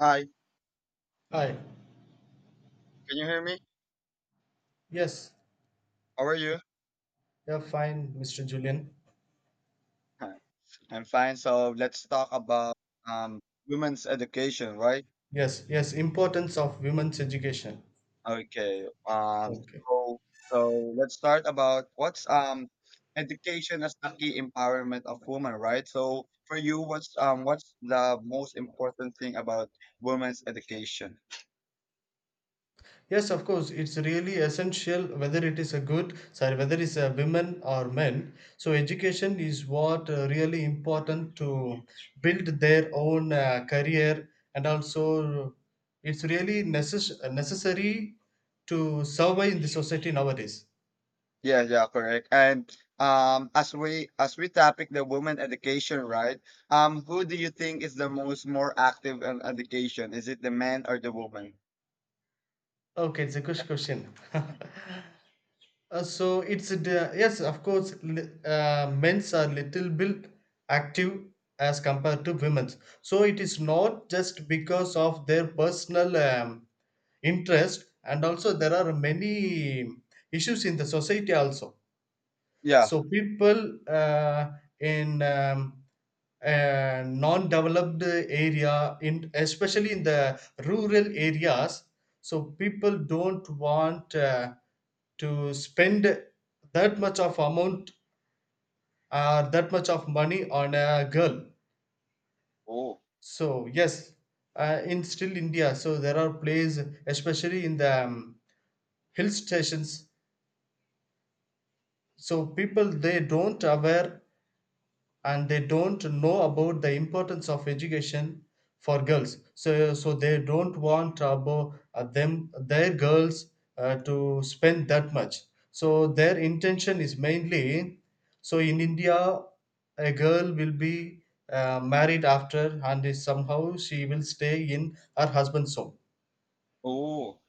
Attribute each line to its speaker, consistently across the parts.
Speaker 1: Hi,
Speaker 2: Hi.
Speaker 1: can you hear me?
Speaker 2: Yes.
Speaker 1: How are
Speaker 2: So,
Speaker 1: you?
Speaker 2: yeah, fine, Mr. Julian.
Speaker 1: Hi, I'm fine. So let's talk about um, women's education, right?
Speaker 2: Yes, yes, importance of women's education.
Speaker 1: Okay.
Speaker 2: Okay.
Speaker 1: So so let's start about what's education as the key empowerment of women, right? So for you, what's the most important thing about women's education?
Speaker 2: Yes, of course, it's really essential whether it is a good, sorry, whether it's a women or men. So education is what really important to build their own career, and also it's really necessary to survive in the society nowadays.
Speaker 1: Yeah, yeah, correct. And as we topic the women education, right? Who do you think is the most more active in education? Is it the man or the woman?
Speaker 2: Okay, it's a good question. So it's a yes, of course, men's are little bit active as compared to women's. So it is not just because of their personal interest, and also there are many issues in the society also.
Speaker 1: Yeah.
Speaker 2: So people in non-developed area, in especially in the rural areas, so people don't want to spend that much of amount that much of money on a girl.
Speaker 1: Oh.
Speaker 2: So yes, in still India, so there are places, especially in the hill stations. So people, they don't aware and they don't know about the importance of education for girls, so they don't want about them their girls to spend that much. So their intention is mainly, so in India, a girl will be married after, and is somehow she will stay in her husband's home.
Speaker 1: Oh.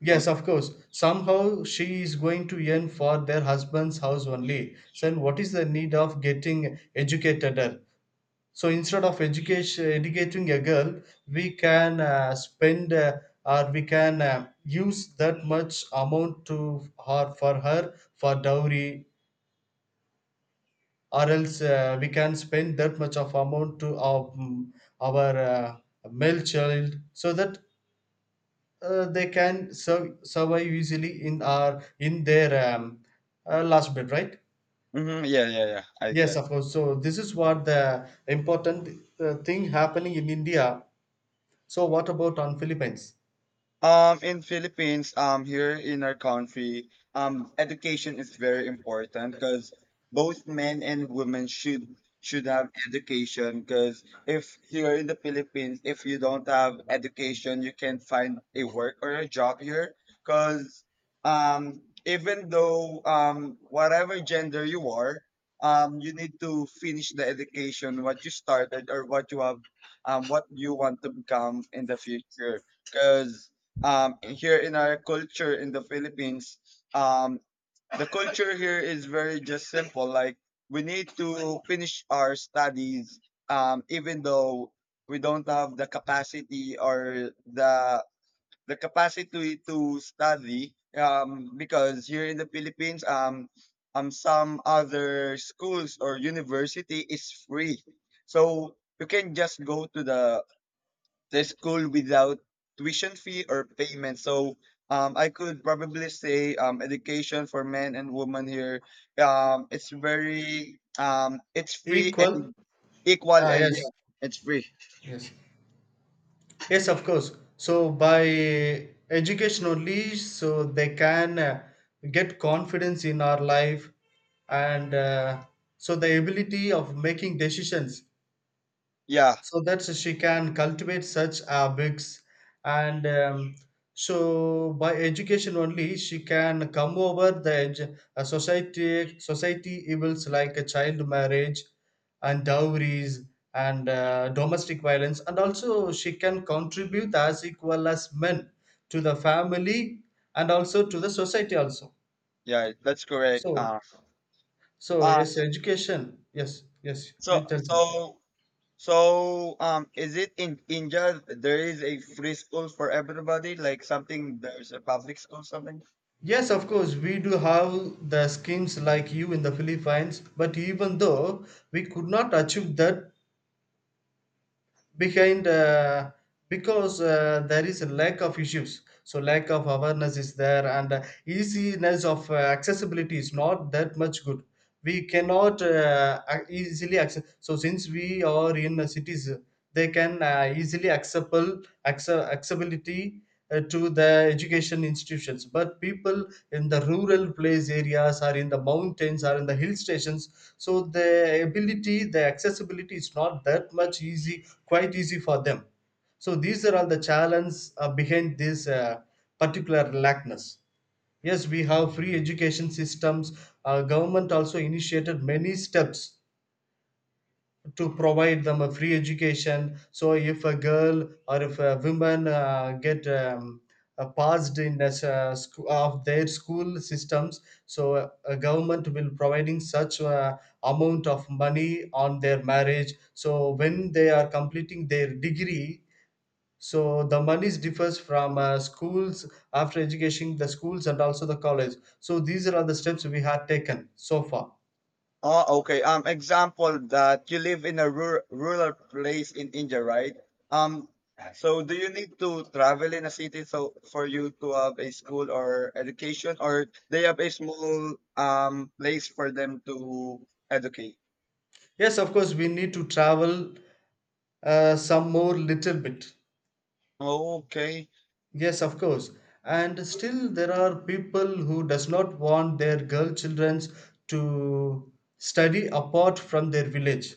Speaker 2: Yes, of
Speaker 1: Okay.
Speaker 2: course, somehow she is going to earn for their husband's house only. So then what is the need of getting educated? So instead of educating a girl, we can spend or we can use that much amount to her, for her for dowry, or else we can spend that much of amount to our our uh, male child, so that they can survive easily in our in their last bed, right?
Speaker 1: Yeah, yeah, yeah. I
Speaker 2: Yes,
Speaker 1: get.
Speaker 2: of course. So this is what the important thing happening in India. So what about on Philippines?
Speaker 1: In Philippines, here in our country, education is very important because both men and women should have education. Because if here in the Philippines, if you don't have education, you can not find a work or a job here. Because even though whatever gender you are, you need to finish the education what you started or what you have, what you want to become in the future. Because here in our culture in the Philippines, um, the culture here is very just simple. Like we need to finish our studies, even though we don't have the capacity or the capacity to study. Because here in the Philippines, some other schools or university is free, so you can just go to the school without tuition fee or payment. So I could probably say education for men and women here. It's very, it's free
Speaker 2: Equal?
Speaker 1: and equal,
Speaker 2: Ah,
Speaker 1: and
Speaker 2: yes,
Speaker 1: yeah, it's free.
Speaker 2: yes, yes, of course. So by education only, so they can get confidence in our life, and so the ability of making decisions,
Speaker 1: Yeah,
Speaker 2: so that she can cultivate such habits, and so by education only she can come over the society evils like a child marriage and dowries and domestic violence, and also she can contribute as equal as men to the family and also to the society also.
Speaker 1: yeah, that's correct.
Speaker 2: So
Speaker 1: Uh
Speaker 2: yes, education. Yes, yes,
Speaker 1: so
Speaker 2: you tell
Speaker 1: so
Speaker 2: something.
Speaker 1: is it in India there is a free school for everybody, like something there's a public school something?
Speaker 2: Yes, of course, we do have the schemes like you in the Philippines, but even though we could not achieve that behind, because there is a lack of issues. So lack of awareness is there, and easiness of accessibility is not that much good. We cannot easily access. So since we are in cities, they can easily accessible, accessibility to the education institutions, but people in the rural place areas or in the mountains or in the hill stations, so the ability, the accessibility is not that much easy, quite easy for them. So these are all the challenges behind this particular lackness. Yes, we have free education systems. Our government also initiated many steps to provide them a free education. So if a girl or if a woman get passed in as of their school systems, so a government will providing such amount of money on their marriage, so when they are completing their degree. So the monies differs from schools after education, the schools and also the college. So these are the steps we have taken so far.
Speaker 1: Oh, okay. Example that you live in a rural place in India, right? Um, so do you need to travel in a city so for you to have a school or education, or they have a small place for them to educate?
Speaker 2: Yes, of course, we need to travel some more little bit.
Speaker 1: Okay.
Speaker 2: Yes, of course. And still there are people who does not want their girl children to study apart from their village.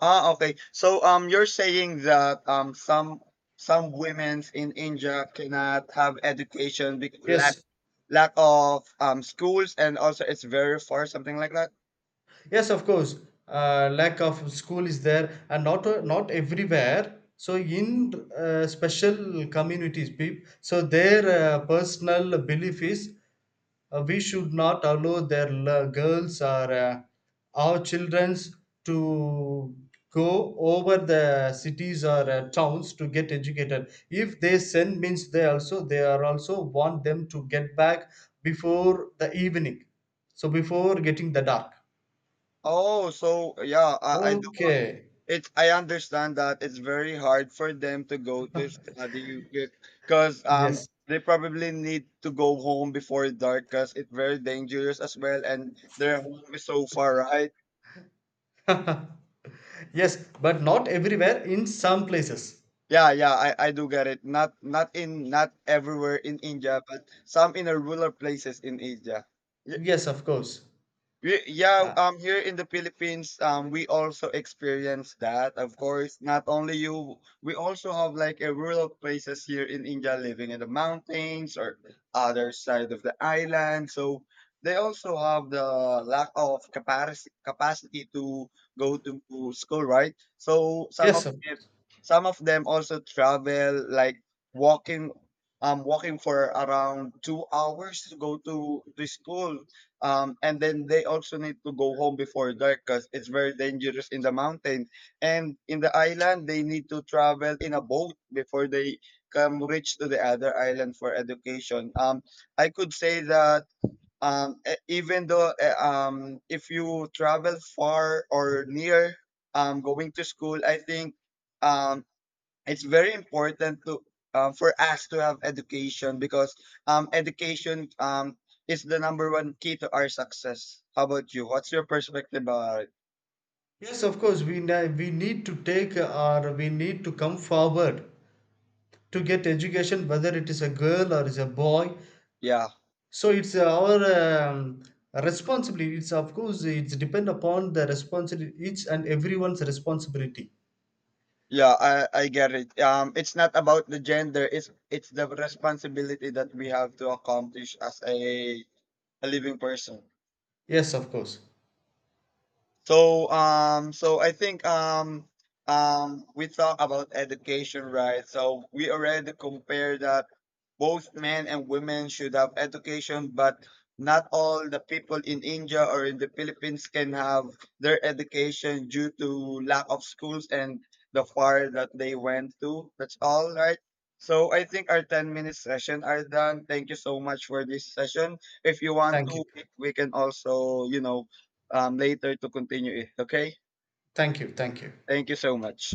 Speaker 1: Ah, okay. So you're saying that some women's in India cannot have education because lack
Speaker 2: Yes.
Speaker 1: lack of schools and also it's very far, something like that.
Speaker 2: Yes, of course. Lack of school is there, and not everywhere. So in special communities, people, so their personal belief is we should not allow their girls or our childrens to go over the cities or towns to get educated. If they send means, they also, they are also want them to get back before the evening, so before getting the dark.
Speaker 1: Oh, so yeah, I do.
Speaker 2: Okay.
Speaker 1: It's I understand that it's very hard for them to go to study because
Speaker 2: Yes.
Speaker 1: they probably need to go home before dark because it's very dangerous as well, and their home is so far, right?
Speaker 2: Yes, but not everywhere. In some places.
Speaker 1: Yeah, yeah, I do get it. Not everywhere in India, but some in the rural places in India.
Speaker 2: Yes, of course.
Speaker 1: Yeah,
Speaker 2: Uh,
Speaker 1: here in the Philippines, we also experience that. Of course, not only you, we also have like a rural places here in India, living in the mountains or other side of the island. So they also have the lack of capacity to go to school, right? So
Speaker 2: yes, of course.
Speaker 1: some of them also travel like walking, walking for around 2 hours to go to school and then they also need to go home before dark because it's very dangerous in the mountain and in the island they need to travel in a boat before they come reach to the other island for education I could say that even though if you travel far or near going to school I think um, it's very important to for us to have education because education is the number one key to our success. How about you? What's your perspective about it?
Speaker 2: Yes, of course. We need to take or we need to come forward to get education, whether it is a girl or is a boy.
Speaker 1: Yeah,
Speaker 2: So it's our um, responsibility. It's of course it's depend upon the responsibility, each and everyone's responsibility.
Speaker 1: yeah, I get it. It's not about the gender. It's the responsibility that we have to accomplish as a living person.
Speaker 2: Yes, of course.
Speaker 1: So I think we talk about education, right? So we already compare that both men and women should have education, but not all the people in India or in the Philippines can have their education due to lack of schools and the far that they went to. That's all right. So I think our 10-minute session are done. Thank you so much for this session. If you want
Speaker 2: Thank
Speaker 1: to,
Speaker 2: you.
Speaker 1: we can also, you know, later to continue it. Okay?
Speaker 2: Thank you. Thank you.
Speaker 1: Thank you so much.